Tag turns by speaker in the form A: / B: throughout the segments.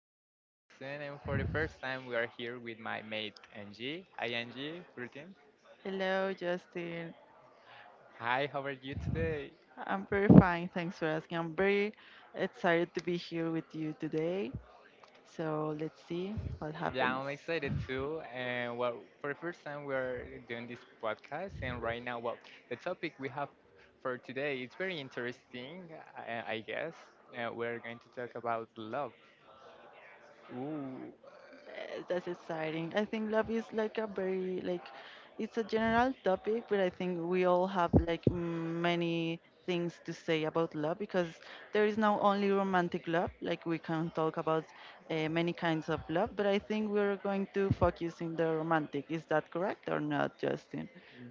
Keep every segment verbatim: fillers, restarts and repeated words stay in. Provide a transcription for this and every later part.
A: this is Justin, and for the first time we are here with my mate Angie. Hi Angie, greetings.
B: Hello, Justin.
A: Hi, how are you today?
B: I'm very fine. Thanks for asking. I'm very excited to be here with you today. So let's see what
A: Yeah,
B: happens.
A: I'm excited too. And well, for the first time we are doing this podcast, and right now, well, the topic we have for today is very interesting, I, I guess. Uh, we're going to talk about love. Ooh.
B: Uh, That's exciting. I think love is like a very like it's a general topic, but I think we all have like m- many things to say about love because there is not only romantic love. Like we can talk about uh, many kinds of love, but I think we're going to focus in the romantic. Is that correct or not, Justin?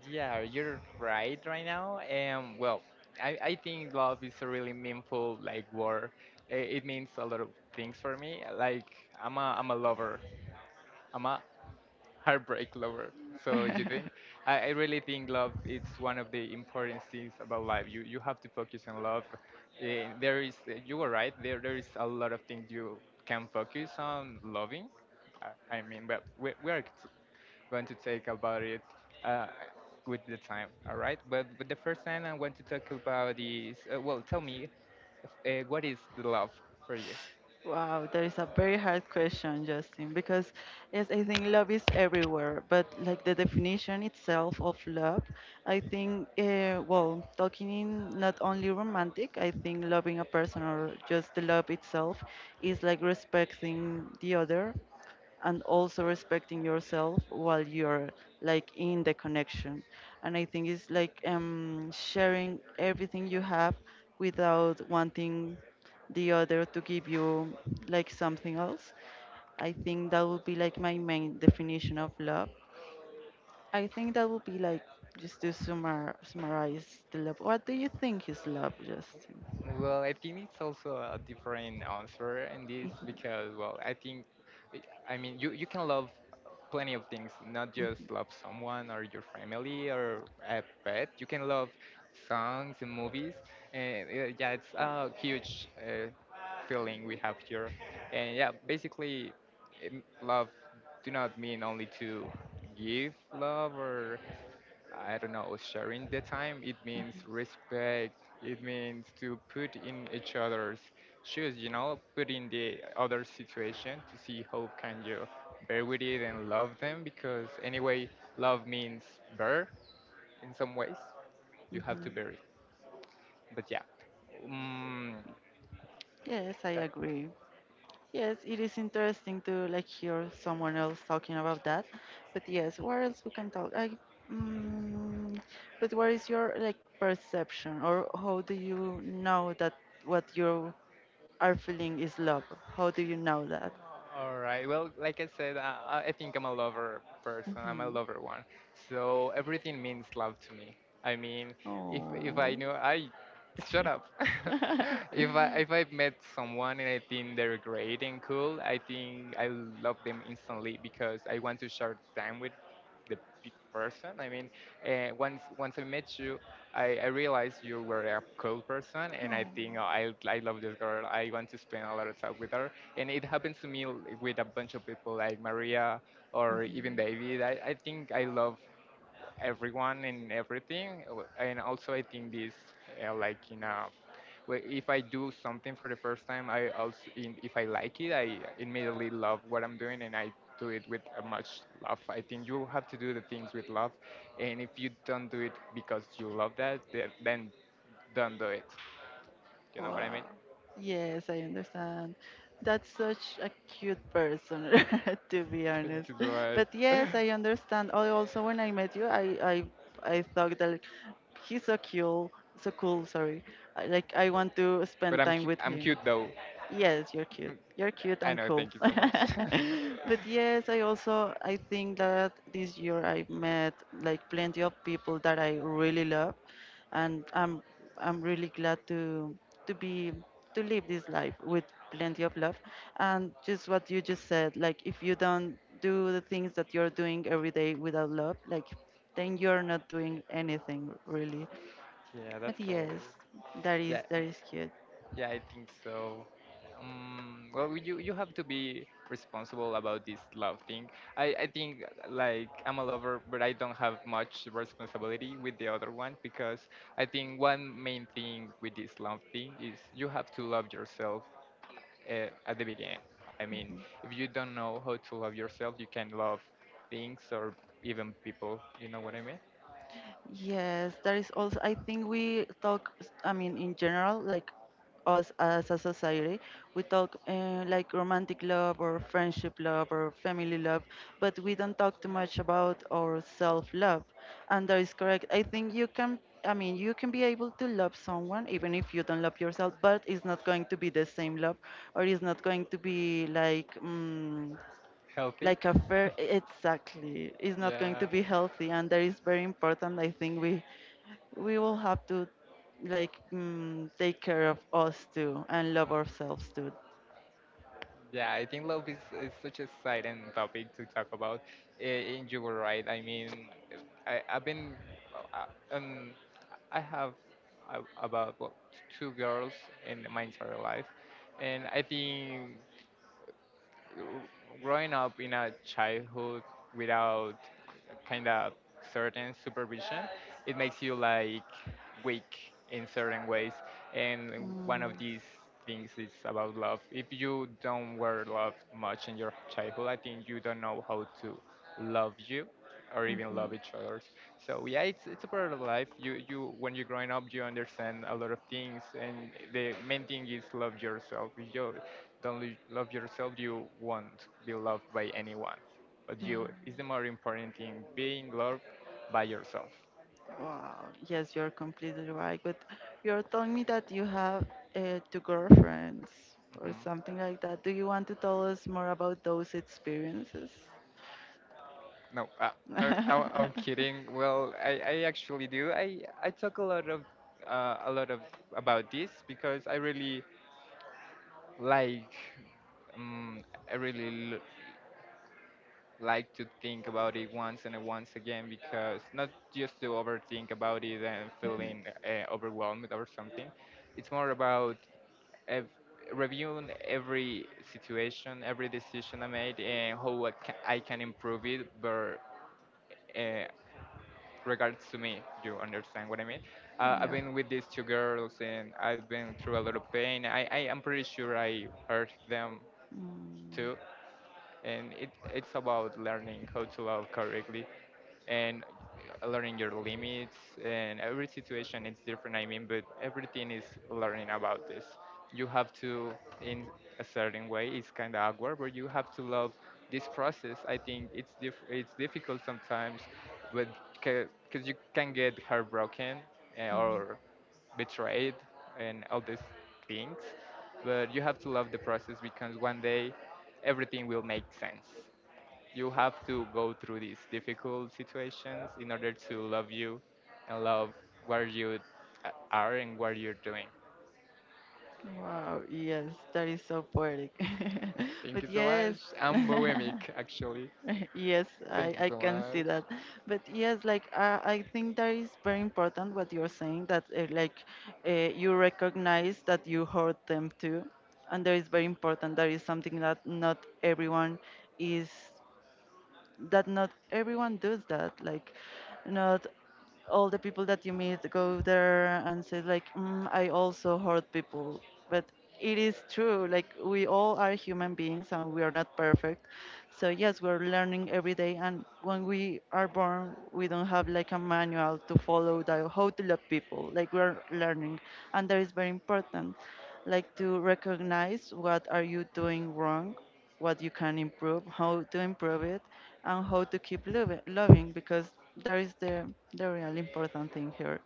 A: Yeah, you're right right now. Um, well, I, I think love is a really meaningful like word. I- It means a lot of things for me. Like I'm a I'm a lover. I'm a heartbreak lover. So you think? I, I really think love is one of the important things about life. You you have to focus on love. Eh, There is you were right. There there is a lot of things you can focus on loving. I I mean, but we, we are going to talk about it uh, with the time. All right. But, but the first thing I want to talk about is uh, well, tell me, uh, what is the love for you?
B: Wow, that is a very hard question, Justin, because yes, I think love is everywhere, but like the definition itself of love, I think, uh, well, talking in not only romantic, I think loving a person or just the love itself is like respecting the other and also respecting yourself while you're like in the connection. And I think it's like um, sharing everything you have without wanting the other to give you like something else. I think that would be like my main definition of love. I think that would be like just to summar, summarize the love. What do you think is love, justin?
A: Well, I think it's also a different answer in this because, well, I think, I mean, you, you can love plenty of things, not just love someone or your family or a pet. You can love songs and movies. And uh, yeah, it's a huge uh, feeling we have here. And yeah, basically, um, love do not mean only to give love or I don't know, sharing the time, it means respect. It means to put in each other's shoes, you know, put in the other situation to see how can you bear with it and love them because anyway, love means bear in some ways. You have to bear
B: hmm
A: it. But yeah, mm,
B: yes, I
A: that.
B: agree. Yes, it is interesting to like hear someone else talking about that. But yes, what else we can talk? I, mm, but what is your like perception, or how do you know that what you are feeling is love? How do you know that?
A: All right. Well, like I said, I, I I think I'm a lover person. I'm a
B: hmm
A: lover one. So everything means love to me. I mean, if
B: Oh.
A: if I knew, I shut up. if I if I met someone and I think they're great and cool, I think I love them instantly because I want to share time with the big person. I mean, uh, once once I met you, I, I realized you were a cool person,
B: Oh.
A: and I
B: Mhm.
A: think oh, I I love this girl. I want to spend a lot of time with her, and it happens to me l- with a bunch of people like Maria or even David. I, I think I love everyone and everything. Uh, And also, I think this, uh, like in a, well, if I do something for the first time, I also, in, if I like it, I immediately love what I'm doing, and I do it with uh, much love. I think you have to do the things with love, and if you don't do it because you love that, then, then don't do it. You know what I
B: Wow.
A: mean?
B: Yes, I understand. That's such a cute person, to be
A: Thank
B: honest.
A: you so
B: But
A: much.
B: yes, I understand. I also, when I met you, I, I, I thought that like, he's so cool, so cool. Sorry, I- like I want to
A: But
B: spend
A: I'm
B: time
A: cu-
B: with
A: I'm
B: him.
A: cute though.
B: Yes, you're cute.
A: Mm,
B: You're cute
A: I
B: and
A: know.
B: cool.
A: Thank you so much.
B: But yes, I also I think that this year I met like plenty of people that I really love, and I'm I'm really glad to to be to live this life with plenty of love. And just what you just said, like if you don't do the things that you're doing every day without love, like then you're not doing anything really.
A: Yeah, that's
B: But
A: cool.
B: yes, that is
A: Yeah.
B: that is cute.
A: Yeah, I think so. Um, well, you you have to be responsible about this love thing. I I think like I'm a lover, but I don't have much responsibility with the other one because I think one main thing with this love thing is you have to love yourself uh, at the beginning. I mean, if you don't know how to love yourself, you can love things or even people. You know what I mean?
B: Yes, there is also, I think we talk, s- I mean, in general, like us as a society, we talk uh, like romantic love or friendship love or family love, but we don't talk too much about our self-love. And that is correct. I think you can, I mean, you can be able to love someone even if you don't love yourself, but it's not going to be the same love or it's not going to be like, mm,
A: Healthy.
B: like a fair e-, exactly it's not going to
A: Yeah.
B: be healthy, and that is very important. I think we we will have to like mm, take care of us too and love ourselves too.
A: Yeah, I think love is, is such a silent topic to talk about. Eh, And you were right. I mean, I, I've been, uh, um, I have a- about what, two girls in my entire life, and I think growing up in a childhood without kind of certain supervision, it makes you like weak in certain ways. And
B: Mm,
A: one of these things is about love. If you don't were loved much in your childhood, I think you don't know how to love you or even
B: mhm.
A: love each other. So yeah, it's it's a part of life. You you when you're growing up, you understand a lot of things, and the main thing is love yourself. If you don't lo- love yourself, you won't be loved by anyone. But you is the more important thing: being loved by yourself.
B: Wow, yes, you're completely right. But you're telling me that you have uh, two girlfriends or
A: hmm
B: something like that. Do you want to tell us more about those experiences?
A: No, uh, uh, I, I'm kidding. Well, I, I actually do. I, I talk a lot of uh, a lot of about this because I really like um, I really l like to think about it once and once again because not just to overthink about it and
B: Mhm.
A: feeling uh, overwhelmed or something. It's more about ev- reviewing every situation, every decision I made, and how I ca- I can improve it. But uh, regards to me, you understand what I mean? Uh, I've
B: Yeah.
A: been with these two girls and I've been through a lot of pain. I, I am pretty sure I hurt them
B: Mm.
A: too. And it, it's about learning how to love correctly and uh, learning your limits and every situation is different. I mean, but everything is learning about this. You have to in a certain way, it's kind of awkward, but you have to love this process. I think it's diff- it's difficult sometimes, but because you can get heartbroken uh,
B: Mm.
A: or betrayed and all these things, but you have to love the process because one day everything will make sense. You have to go through these difficult situations in order to love you and love where you a- are and what you're doing.
B: Wow, yes, that is so poetic.
A: Thank
B: But
A: you so
B: yes.
A: much. I'm bohemic, actually.
B: Yes,
A: Thank
B: I,
A: you
B: I
A: so
B: can see
A: much.
B: that. But yes, like uh, I think that is very important what you're saying that uh, like uh, you recognize that you hurt them too. And that is very important. That is something that not everyone is that not everyone does that. Like, not all the people that you meet go there and say like, mm, I also hurt people, but it is true. Like we all are human beings and we are not perfect. So yes, we're learning every day. And when we are born, we don't have like a manual to follow that how to love people. Like we're learning, and that is very important. Like to recognize what are you doing wrong, what you can improve, how to improve it, and how to keep lov- loving, because that is the the real important thing here.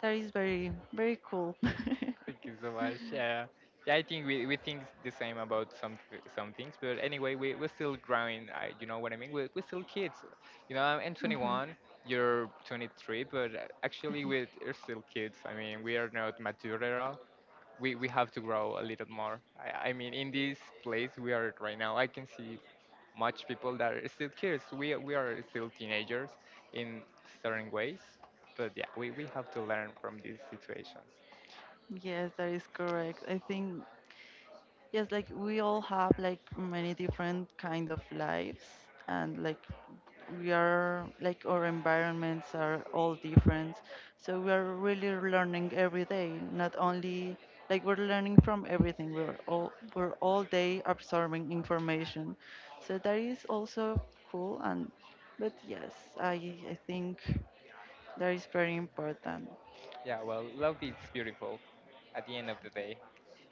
B: That is very very cool.
A: Thank you so much. Yeah, yeah. I think we, we think the same about some some things, but anyway, we we're still growing. I, you know what I mean? We're, we're still kids. You know, I'm
B: Mhm,
A: twenty-one. You're twenty-three, but uh, actually,
B: mhm.
A: we're we're still kids. I mean, we are not mature at all. We, we have to grow a little more. I, I mean, in this place we are at right now, I can see much people that are still kids. We, we are still teenagers in certain ways, but yeah, we, we have to learn from these situations.
B: Yes, that is correct. I think yes, like we all have like many different kind of lives and like we are like our environments are all different. So we are really learning every day, not only like we're learning from everything. We're all we're all day absorbing information. So that is also cool. And but yes, I I think that is very important.
A: Yeah, well, love is beautiful at the end of the day.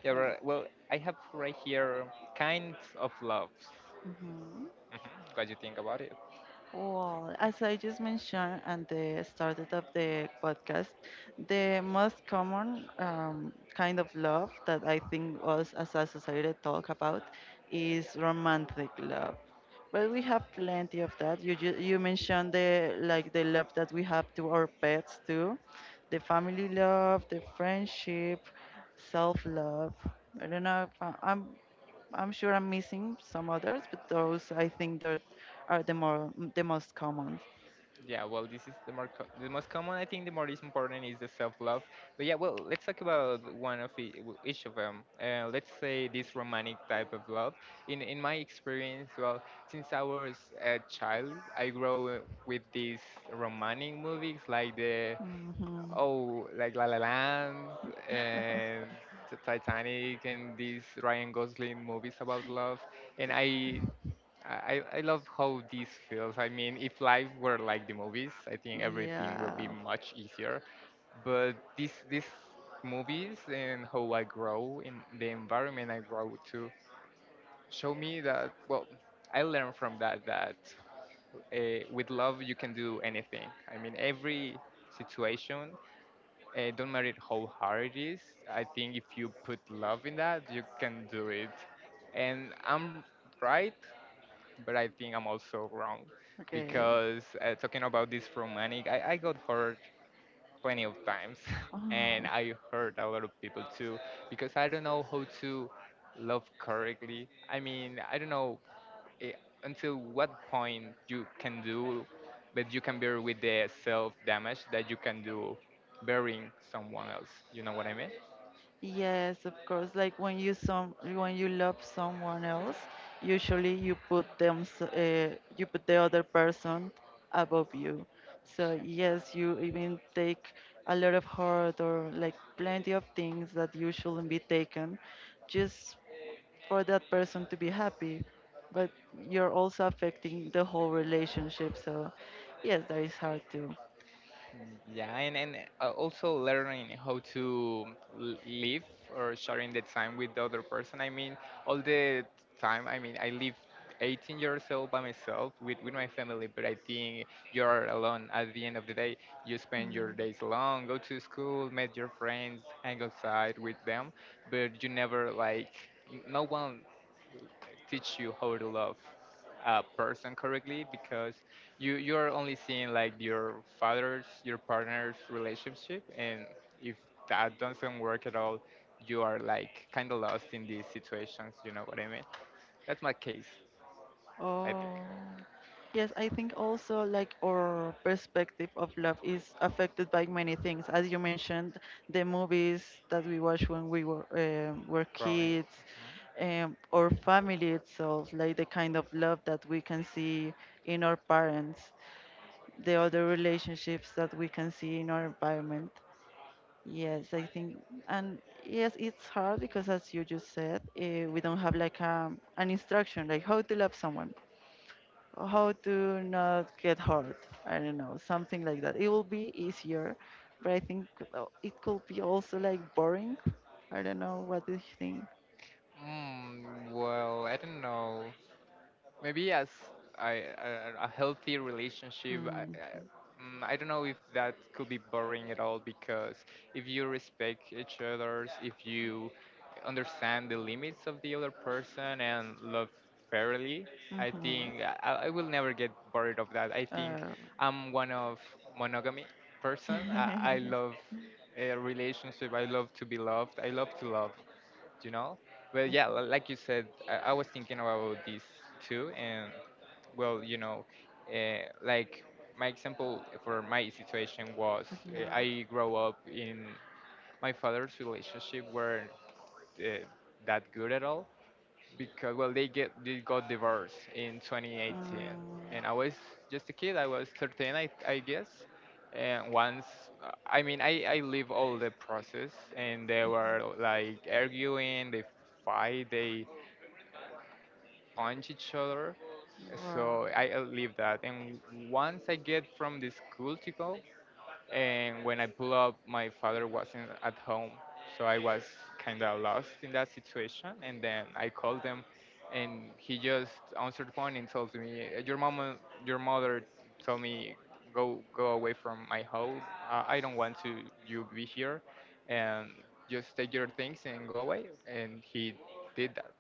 A: Yeah, well, well, I have right here kinds of loves. Mhm. What do you think about it?
B: Well, as I just mentioned at the start of the podcast, the most common um, kind of love that I think us as a society talk about is romantic love. But we have plenty of that. You ju- you mentioned the like the love that we have to our pets too, the family love, the friendship, self love. I don't know if I, I'm. I'm sure I'm missing some others, but those I think that are the more the most common.
A: Yeah, well, this is the more co- the most common. I think the more is important is the self-love. But yeah, well, let's talk about one of e- w- each of them. Uh, let's say this romantic type of love. In in my experience, well, since I was a child, I grew with these romantic movies like the
B: hmm
A: oh, like La La Land and the Titanic and these Ryan Gosling movies about love, and I I, I I love how this feels. I mean, if life were like the movies, I think everything will be
B: Yeah.
A: much easier. But this these movies and how I grow in the environment I grow to show me that well, I learned from that that uh, with love you can do anything. I mean, every situation, uh, don't matter how hard it is. I think if you put love in that, you can do it. And I'm right, but I think I'm also wrong
B: Okay.
A: because uh, talking about this romantic, I, I got hurt plenty of times and
B: Oh,
A: I hurt a lot of people too because I don't know how to love correctly. I mean, I don't know eh, until what point you can do, but you can bear with the self damage that you can do burying someone else. You know what I mean?
B: yes, of course. Like when you some when you love someone else, usually you put them s- uh, you put the other person above you. So yes, you even take a lot of hurt or like plenty of things that you shouldn't be taken just for that person to be happy, but you're also affecting the whole relationship. So, yes, that is hard too.
A: Mm, Yeah, and, and uh, also learning how to l- live or sharing the time with the other person. I mean, all the time, I mean, I live eighteen years old by myself with, with my family, but I think you're alone at the end of the day. You spend
B: Mm.
A: your days alone, go to school, meet your friends, hang outside with them, but you never like, n- no one teach you how to love a person correctly because you you're only seeing like your father's your partner's relationship, and if that doesn't work at all, you are like kind of lost in these situations. You know what I mean? That's my case, I think
B: Oh. Yes, I think also like our perspective of love is affected by many things. As you mentioned, the movies that we watched when we were um were
A: growing.
B: kids, um, or family itself, like the kind of love that we can see in our parents, the other relationships that we can see in our environment. Yes, I think, and yes, it's hard because, as you just said, uh, we don't have like a, an instruction, like how to love someone, or how to not get hurt. I don't know, something like that. It will be easier, but I think uh, it could be also like boring. I don't know. What do you think?
A: Mhm. Mm, well, I don't know, maybe as I, a, a healthy relationship. I,
B: Mm.
A: I, mm, I don't know if that could be boring at all because if you respect each other's, if you understand the limits of the other person and love fairly, I think
B: hmm
A: i, I will never get bored of that. I think
B: Uh,
A: I'm one of monogamy person. i, I
B: mhm.
A: love a relationship. I love to be loved. I love to love, you know? Well, yeah, li- like you said, I, I was thinking about this too, and well, you know, uh, like my example for my situation was uh, I grow up in my father's relationship weren't uh, that good at all, because well they get they got divorced in twenty eighteen, and I was just a kid. I was thirteen, i, I guess. And once uh, i mean i i live all the process, and they were like arguing, they fight, they punch each other.
B: Mm, wow.
A: So I uh, live that, and once I get from the school to go and when I pulled up, my father wasn't at home, so I was kind of lost in that situation. And then I called him, and he just answered the phone and told me, "Your mama, your mother, told me go go away from my house. Uh, I don't want to you be here, and just take your things and go away." And he did that,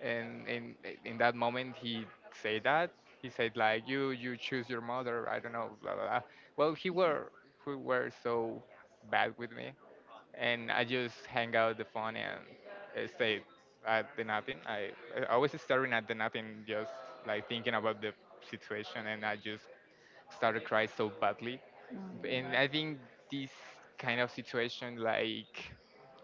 A: and in in that moment he said that, he said like you you choose your mother, I don't know, blah blah, blah. Well he were he were so bad with me, and I just hang out the phone and uh, stayed at the nothing. I i was staring at the nothing, just like thinking about the situation, and I just started crying so badly. And I think this kind of situation like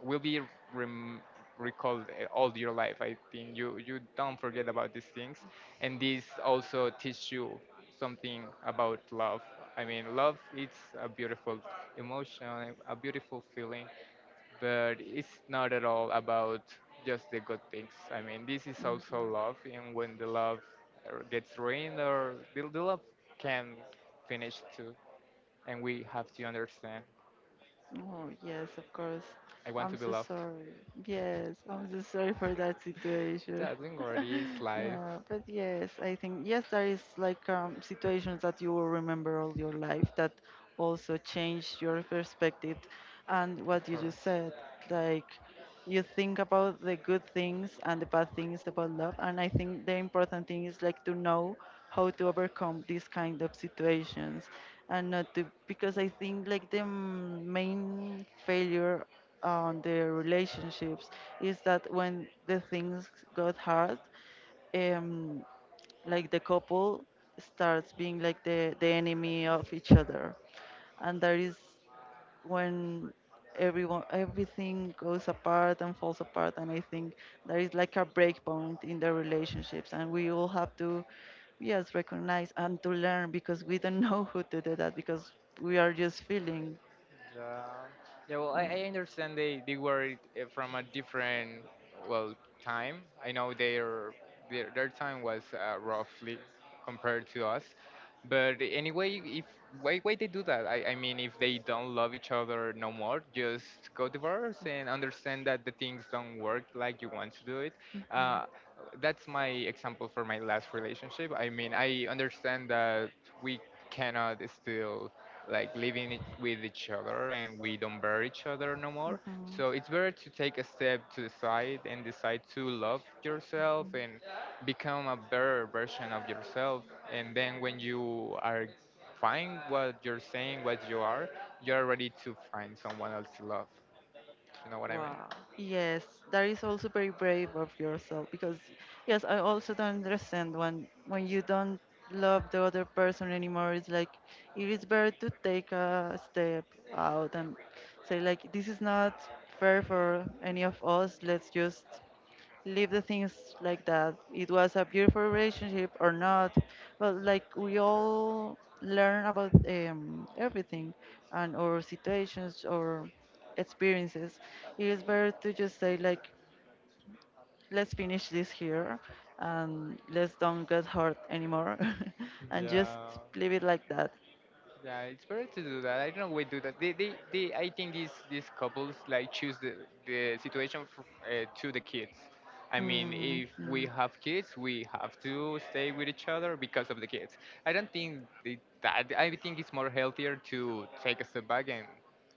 A: will be rem- recalled uh, all your life. I think you you don't forget about these things, and this also teach you something about love. I mean, love it's a beautiful emotion, a beautiful feeling, but it's not at all about just the good things. I mean, this is
B: Mm.
A: also
B: Mhm.
A: love, and when the love uh, gets ruined, or the, the love can finish too, and we have to understand.
B: Oh, yes, of course.
A: I want
B: I'm
A: to be
B: so
A: loved.
B: sorry. Yes, I'm so sorry for that situation.
A: Yeah, I think already is life,
B: Yeah, but yes, I think yes, there is like um, situations that you will remember all your life, that also change your perspective. And
A: of
B: what you just
A: course.
B: said, like you think about the good things and the bad things about love, and I think the important thing is like to know how to overcome these kind of situations. And not to, because I think like the mm, main failure on the relationships is that when the things got hard, um like the couple starts being like the the enemy of each other. And that is when everyone everything goes apart and falls apart. And I think there is like a break point in the relationships, and we all have to, yes, recognize and to learn because we don't know who to do that, because we are just feeling.
A: Yeah. Yeah. Well,
B: uh,
A: I, I understand they they were uh, from a different well time. I know their their, their time was uh, roughly compared to us. But anyway, if why why they do that? I, I mean, if they don't love each other no more, just go divorce and understand that the things don't work like you want to do it. Uh, that's my example for my last relationship. I mean, I understand that we cannot still like living it with each other, and we don't bear each other no more,
B: mhm.
A: so it's better to take a step to the side and decide to love yourself and become a better version of yourself. And then when you are find what you're saying, what you are, you're ready to find someone else to love, you know what I mean.
B: Wow. Yes, that is also very brave of yourself because yes, I also don't understand when when you don't love the other person anymore, it's like it is better to take a step out and say like this is not fair for any of us. Let's just leave the things like that. It was a beautiful relationship or not, but like we all learn about um, everything and our situations or experiences. It is better to just say like, let's finish this here and let's don't get hurt anymore and just
A: Yeah.
B: leave it like that.
A: Yeah, it's better to do that. I don't know we do that. They, they, they I think these these couples like choose the the situation f uh, to the kids. I mean,
B: Mm,
A: if we
B: mm.
A: have kids, we have to stay with each other because of the kids. I don't think they, that. I think it's more healthier to take a step back, and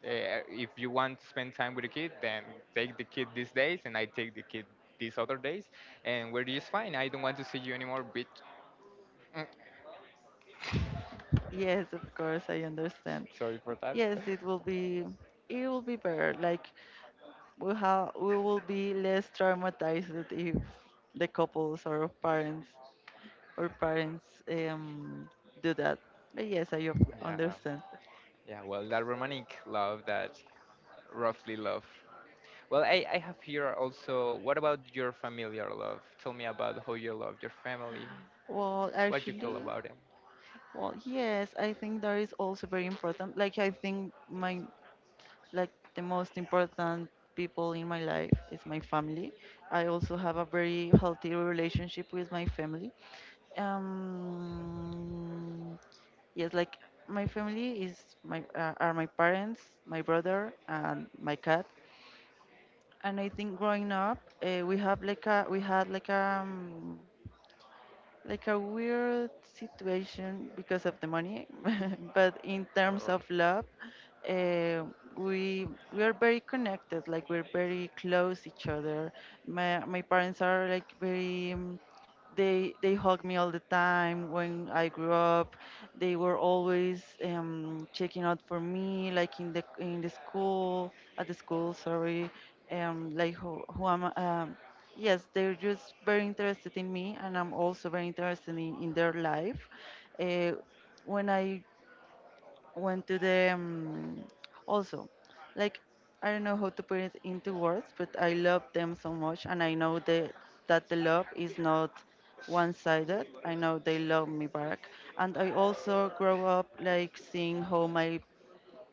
A: uh, if you want to spend time with the kid, then take the kid these days, and I take the kid these other days, and we're just fine. I don't want to see you anymore, bitch. Mm,
B: Yes, of course, I understand.
A: Sorry for that.
B: Yes, it will be it will be better. Like we have we will be less traumatized if the couples or parents or parents um do that. But yes, I up-
A: Yeah.
B: understand.
A: Yeah, well, that romantic love, that roughly love. Well, I, I have here also, what about your familiar love? Tell me about how you love your family.
B: Well,
A: What do you feel
B: actually,
A: about them?
B: well, yes, I think that is also very important. Like I think my like the most important people in my life is my family. I also have a very healthy relationship with my family. Um, yes, like my family is my uh, are my parents, my brother, and my cat. And I think growing up, uh, we have like a we had like a like a weird situation because of the money, but in
A: All
B: terms of
A: right.
B: love, uh, we we are very connected. Like we're very close each other. My my parents are like very. um, they they hug me all the time when I grew up. They were always um, checking out for me, like in the in the school at the school. Sorry, um, like who who am I? Um, Yes, they're just very interested in me, and I'm also very interested in, in their life. Uh, when I went to the, um, also, like, I don't know how to put it into words, but I love them so much, and I know the, that the love is not one-sided. I know they love me back, and I also grow up like seeing how my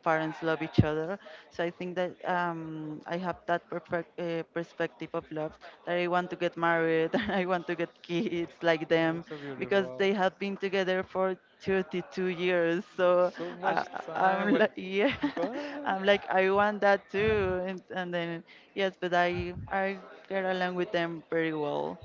B: parents love each other. So I think that um, I have that perfect, uh, perspective of love that I want to get married, that I want to get kids like
A: Oh,
B: them
A: it's so
B: because
A: beautiful.
B: they have been together for thirty-two years. So
A: So much
B: uh,
A: time.
B: I'm
A: What?
B: like, yeah,
A: What?
B: I'm like, I want that too. And, and then, yes, but I, I get along with them pretty well.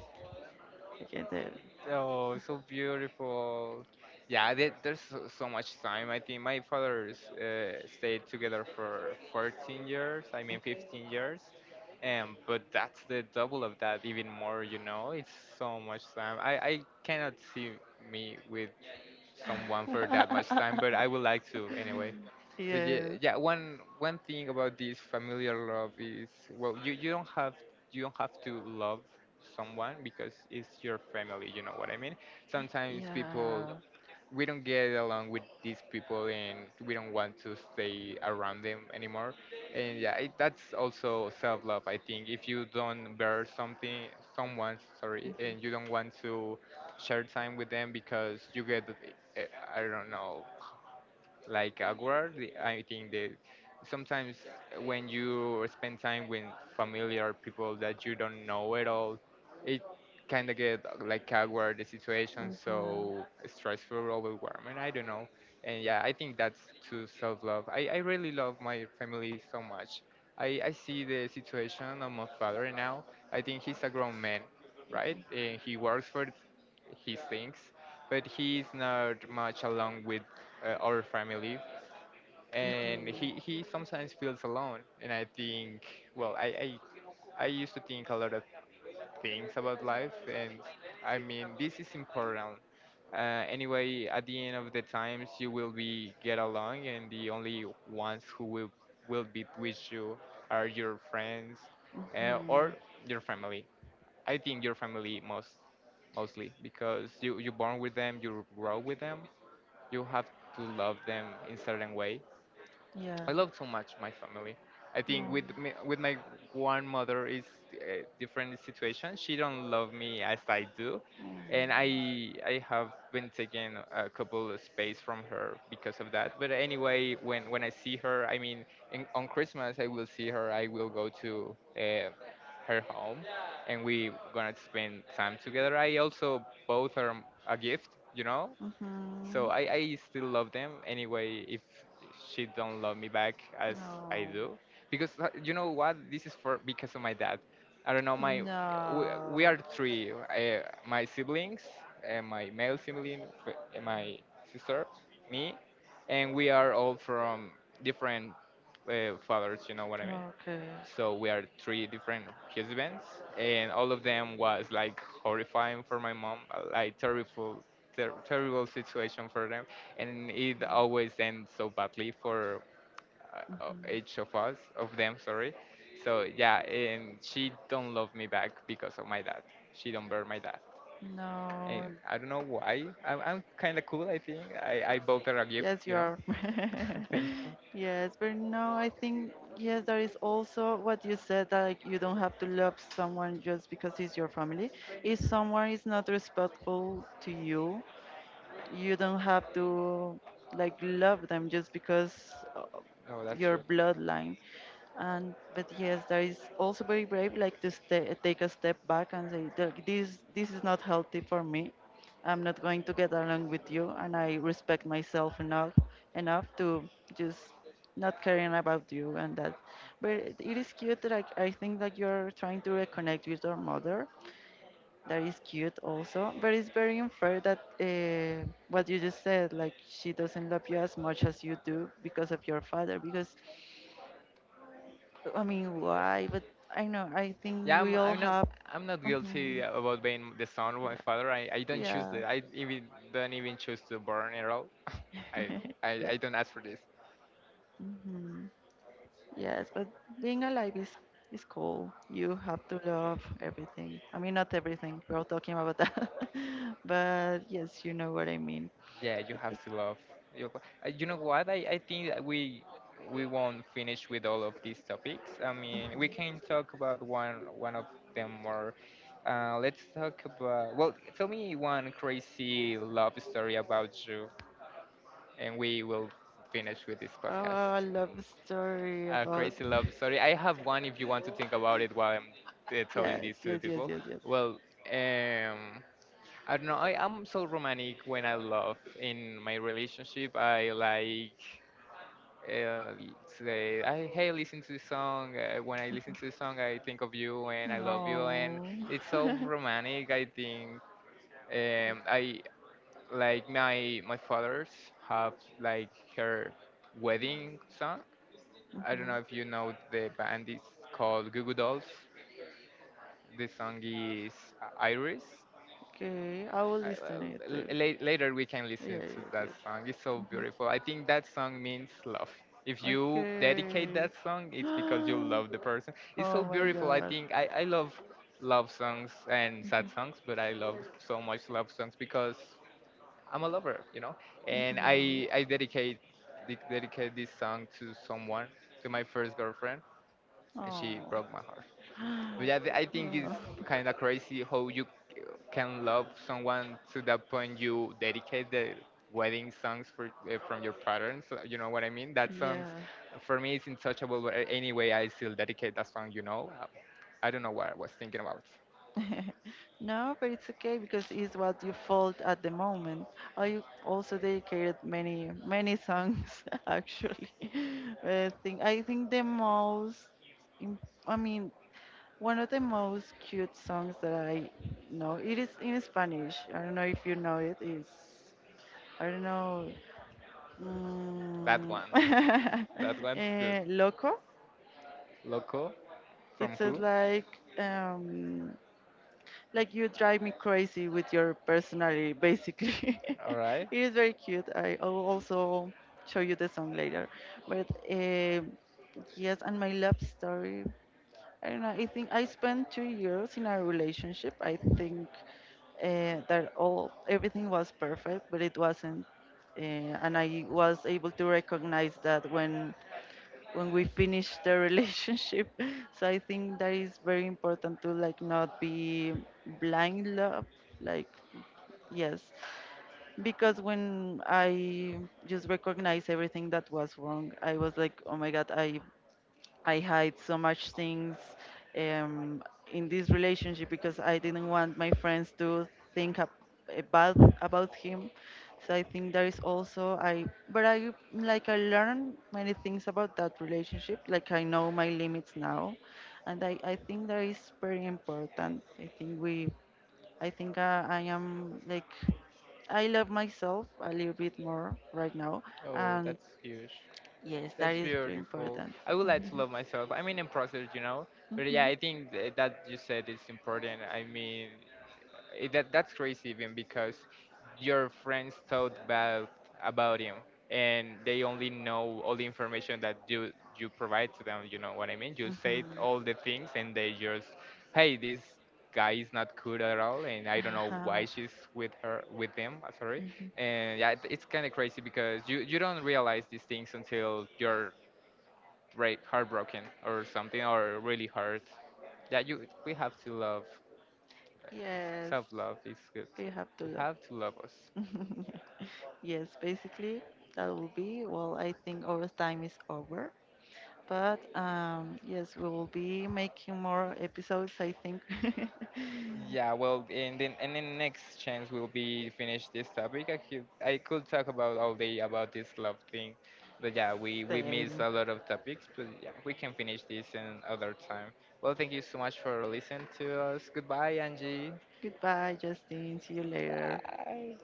B: I get it.
A: Oh, so beautiful. Yeah, there, there's so, so much time. I think my father's uh, stayed together for fourteen years, I mean fifteen years. Um, but that's the double of that, even more, you know? It's so much time. I, I cannot see me with someone for that much time, but I would like to anyway. But yeah,
B: Yes.
A: yeah, one one thing about this familiar love is well, you, you don't have you don't have to love someone because it's your family. You know what I mean? Sometimes people
B: Yeah.
A: we don't get along with these people, and we don't want to stay around them anymore. And yeah, it, that's also self love. I think if you don't bear something, someone, sorry,
B: Mhm,
A: and you don't want to share time with them because you get uh, I don't know, like awkward. The- I think that sometimes when you spend time with familiar people that you don't know at all, it kind of get uh, like awkward the situation,
B: mhm,
A: so stressful, overwhelming. I don't know. And yeah, I think that's to self love. I, I really love my family so much. I, I see the situation of my father now. I think he's a grown man, right? And he works for his things, but he's not much along with uh, our family, and
B: mhm.
A: he he sometimes feels alone. And I think, well, I I, I used to think a lot of things about life, and I mean this is important. Uh, anyway, at the end of the times, you will be get along, and the only ones who will will be with you are your friends uh, or
B: Mhm.
A: your family. I think your family most mostly because you you born with them, you grow with them, you have to love them in certain way.
B: Yeah.
A: I love so much my family. I think
B: No.
A: with me, with my grandmother is a different situation. She don't love me as I do, and
B: No.
A: I I have been taking a couple of space from her because of that. But anyway, when when I see her, I mean, in, on Christmas I will see her. I will go to uh, her home, and we gonna spend time together. I also bought her a gift, you know, so
B: Mhm.
A: I, I still love them anyway. If she don't love me back as I
B: No.
A: do, because uh, you know what, this is for because of my dad. I don't know my we,
B: No.
A: we are three, uh, my siblings, uh, my male sibling, f- uh, my sister, me, and we are all from different uh, fathers. You know what I mean?
B: Okay.
A: So we are three different husbands, and all of them was like horrifying for my mom, uh, like terrible, ter- terrible situation for them, and it always ends so badly for uh, uh,
B: Mhm.
A: each of us, of them, sorry. So yeah, and she don't love me back because of my dad. She don't bear my dad, and
B: No.
A: I don't know why. I'm, I'm kind of cool, I think. I I bought her a gift,
B: Yes,
A: you
B: you
A: know.
B: are.
A: Thank you.
B: Yes, but no, I think yes, there is also what you said that like, you don't have to love someone just because he's your family. If someone is not respectful to you, you don't have to like love them just because uh,
A: No, that's
B: your
A: true.
B: bloodline. And but yes, that is also very brave, like to stay, take a step back and say, "Look, this this is not healthy for me. I'm not going to get along with you, and I respect myself enough enough to just not caring about you and that." But it is cute that I, I think that you're trying to reconnect with your mother. That is cute also, but it's very unfair that uh, what you just said, like she doesn't love you as much as you do because of your father. Because, I mean, why? But I know, I think
A: Yeah, I'm,
B: we all
A: I'm not.
B: have.
A: I'm not guilty
B: Mhm.
A: about being the son of my
B: Yeah,
A: father. I, I don't choose
B: yeah.
A: that. I even don't even choose to burn at all. I, I,
B: Yes.
A: I don't ask for this.
B: Hmm. Yes, but being alive is, is cool. You have to love everything. I mean, not everything, we're all talking about that. But yes, you know what I mean.
A: Yeah, you have to love. your fa- Uh, You know what? I, I think that we we won't finish with all of these topics. I mean, we can talk about one one of them more. Uh, let's talk about. Well, tell me one crazy love story about you, and we will finish with this
B: Oh,
A: podcast.
B: love story
A: A
B: about.
A: crazy love story. I have one if you want to think about it while I'm uh, telling
B: Yes,
A: this to the
B: yes, yes,
A: people.
B: yes, yes.
A: Well, um, I don't know. I am so romantic when I love in my relationship. I like uh, say, I, hey, listen to this song. Uh, when I listen to this song, I think of you and I love you. And
B: No.
A: it's so romantic, I think. Um, I like my my father's have like her wedding song. I don't
B: Mhm.
A: know if you know the band, is called Goo Goo Dolls. The song is Iris.
B: Okay, I will
A: I,
B: listen it
A: uh,
B: too.
A: l- later we can
B: Yeah,
A: listen to
B: yes,
A: that
B: yes.
A: song. It's so
B: Mhm.
A: beautiful. I think that song means love. If you
B: Okay.
A: dedicate that song, it's because you love the person. It's so
B: Oh my
A: beautiful. I
B: God.
A: think I, I love love songs and sad
B: Mhm,
A: songs, but I love so much love songs because I'm a lover, you know. And
B: mhm.
A: I I dedicate de- dedicate this song to someone, to my first girlfriend, and she
B: Oh.
A: broke my heart. But yeah, I think it's
B: Oh.
A: kind of crazy how you c- can love someone to that point you dedicate the wedding songs for, uh, from your parents. uh, You know what I mean? That songs
B: Yeah.
A: for me is untouchable. But a- anyway, I still dedicate that song. You know, Uh, I don't know what I was thinking about.
B: No, but it's okay because it's what you felt at the moment. I also dedicated many many songs actually. I think I think the most, im- I mean, one of the most cute songs that I know it is in Spanish. I don't know if you know it. Is I don't know.
A: That
B: Mm,
A: one, that one's good.
B: eh, loco.
A: Loco,
B: It
A: from
B: says
A: who?
B: like um, like you drive me crazy with your personality, basically.
A: All right.
B: It is very cute. I will also show you the song later. But um yes, and my love story. I don't know. I think I spent two years in a relationship. I think uh, that all everything was perfect, but it wasn't. Uh, and I was able to recognize that when when we finish the relationship. So I think that is very important to like not be blind love, like yes, because when I just recognized everything that was wrong, I was like, oh my god, I I hide so much things um, in this relationship because I didn't want my friends to think ab- about about him. So I think there is also I, but I like I learned many things about that relationship. Like I know my limits now, and I I think that is very important. I think we, I think uh, I am like I love myself a little bit more right now,
A: Oh,
B: and
A: that's huge.
B: yes, that
A: That's
B: is very
A: beautiful.
B: important.
A: I would like to love myself. I mean, in process, you know. But yeah,
B: Mhm,
A: I think th- that you said is important. I mean, it, that that's crazy even because your friends thought about about him, and they only know all the information that you you provide to them. You know what I mean? You said all
B: mhm.
A: the things, and they just, hey, this guy is not good at all, and I don't know why
B: Have.
A: she's with her with him. uh, Sorry,
B: Mhm.
A: and yeah, it- it's kind of crazy because you you don't realize these things until you're Break, heartbroken or something or really hurt that you we have to love
B: Yes,
A: self love is good
B: you have
A: we
B: to
A: have to love us
B: Yes, basically that will be, well, I think our time is over. But um, yes, we will be making more episodes, I think.
A: yeah well and then and then next chance we will be finish this topic. I could i could talk about all day about this love thing, but yeah we we miss
B: Same.
A: a lot of topics, but yeah we can finish this in other time. Well, thank you so much for listening to us. Goodbye, Angie.
B: Goodbye, Justin. See you later.
A: Bye.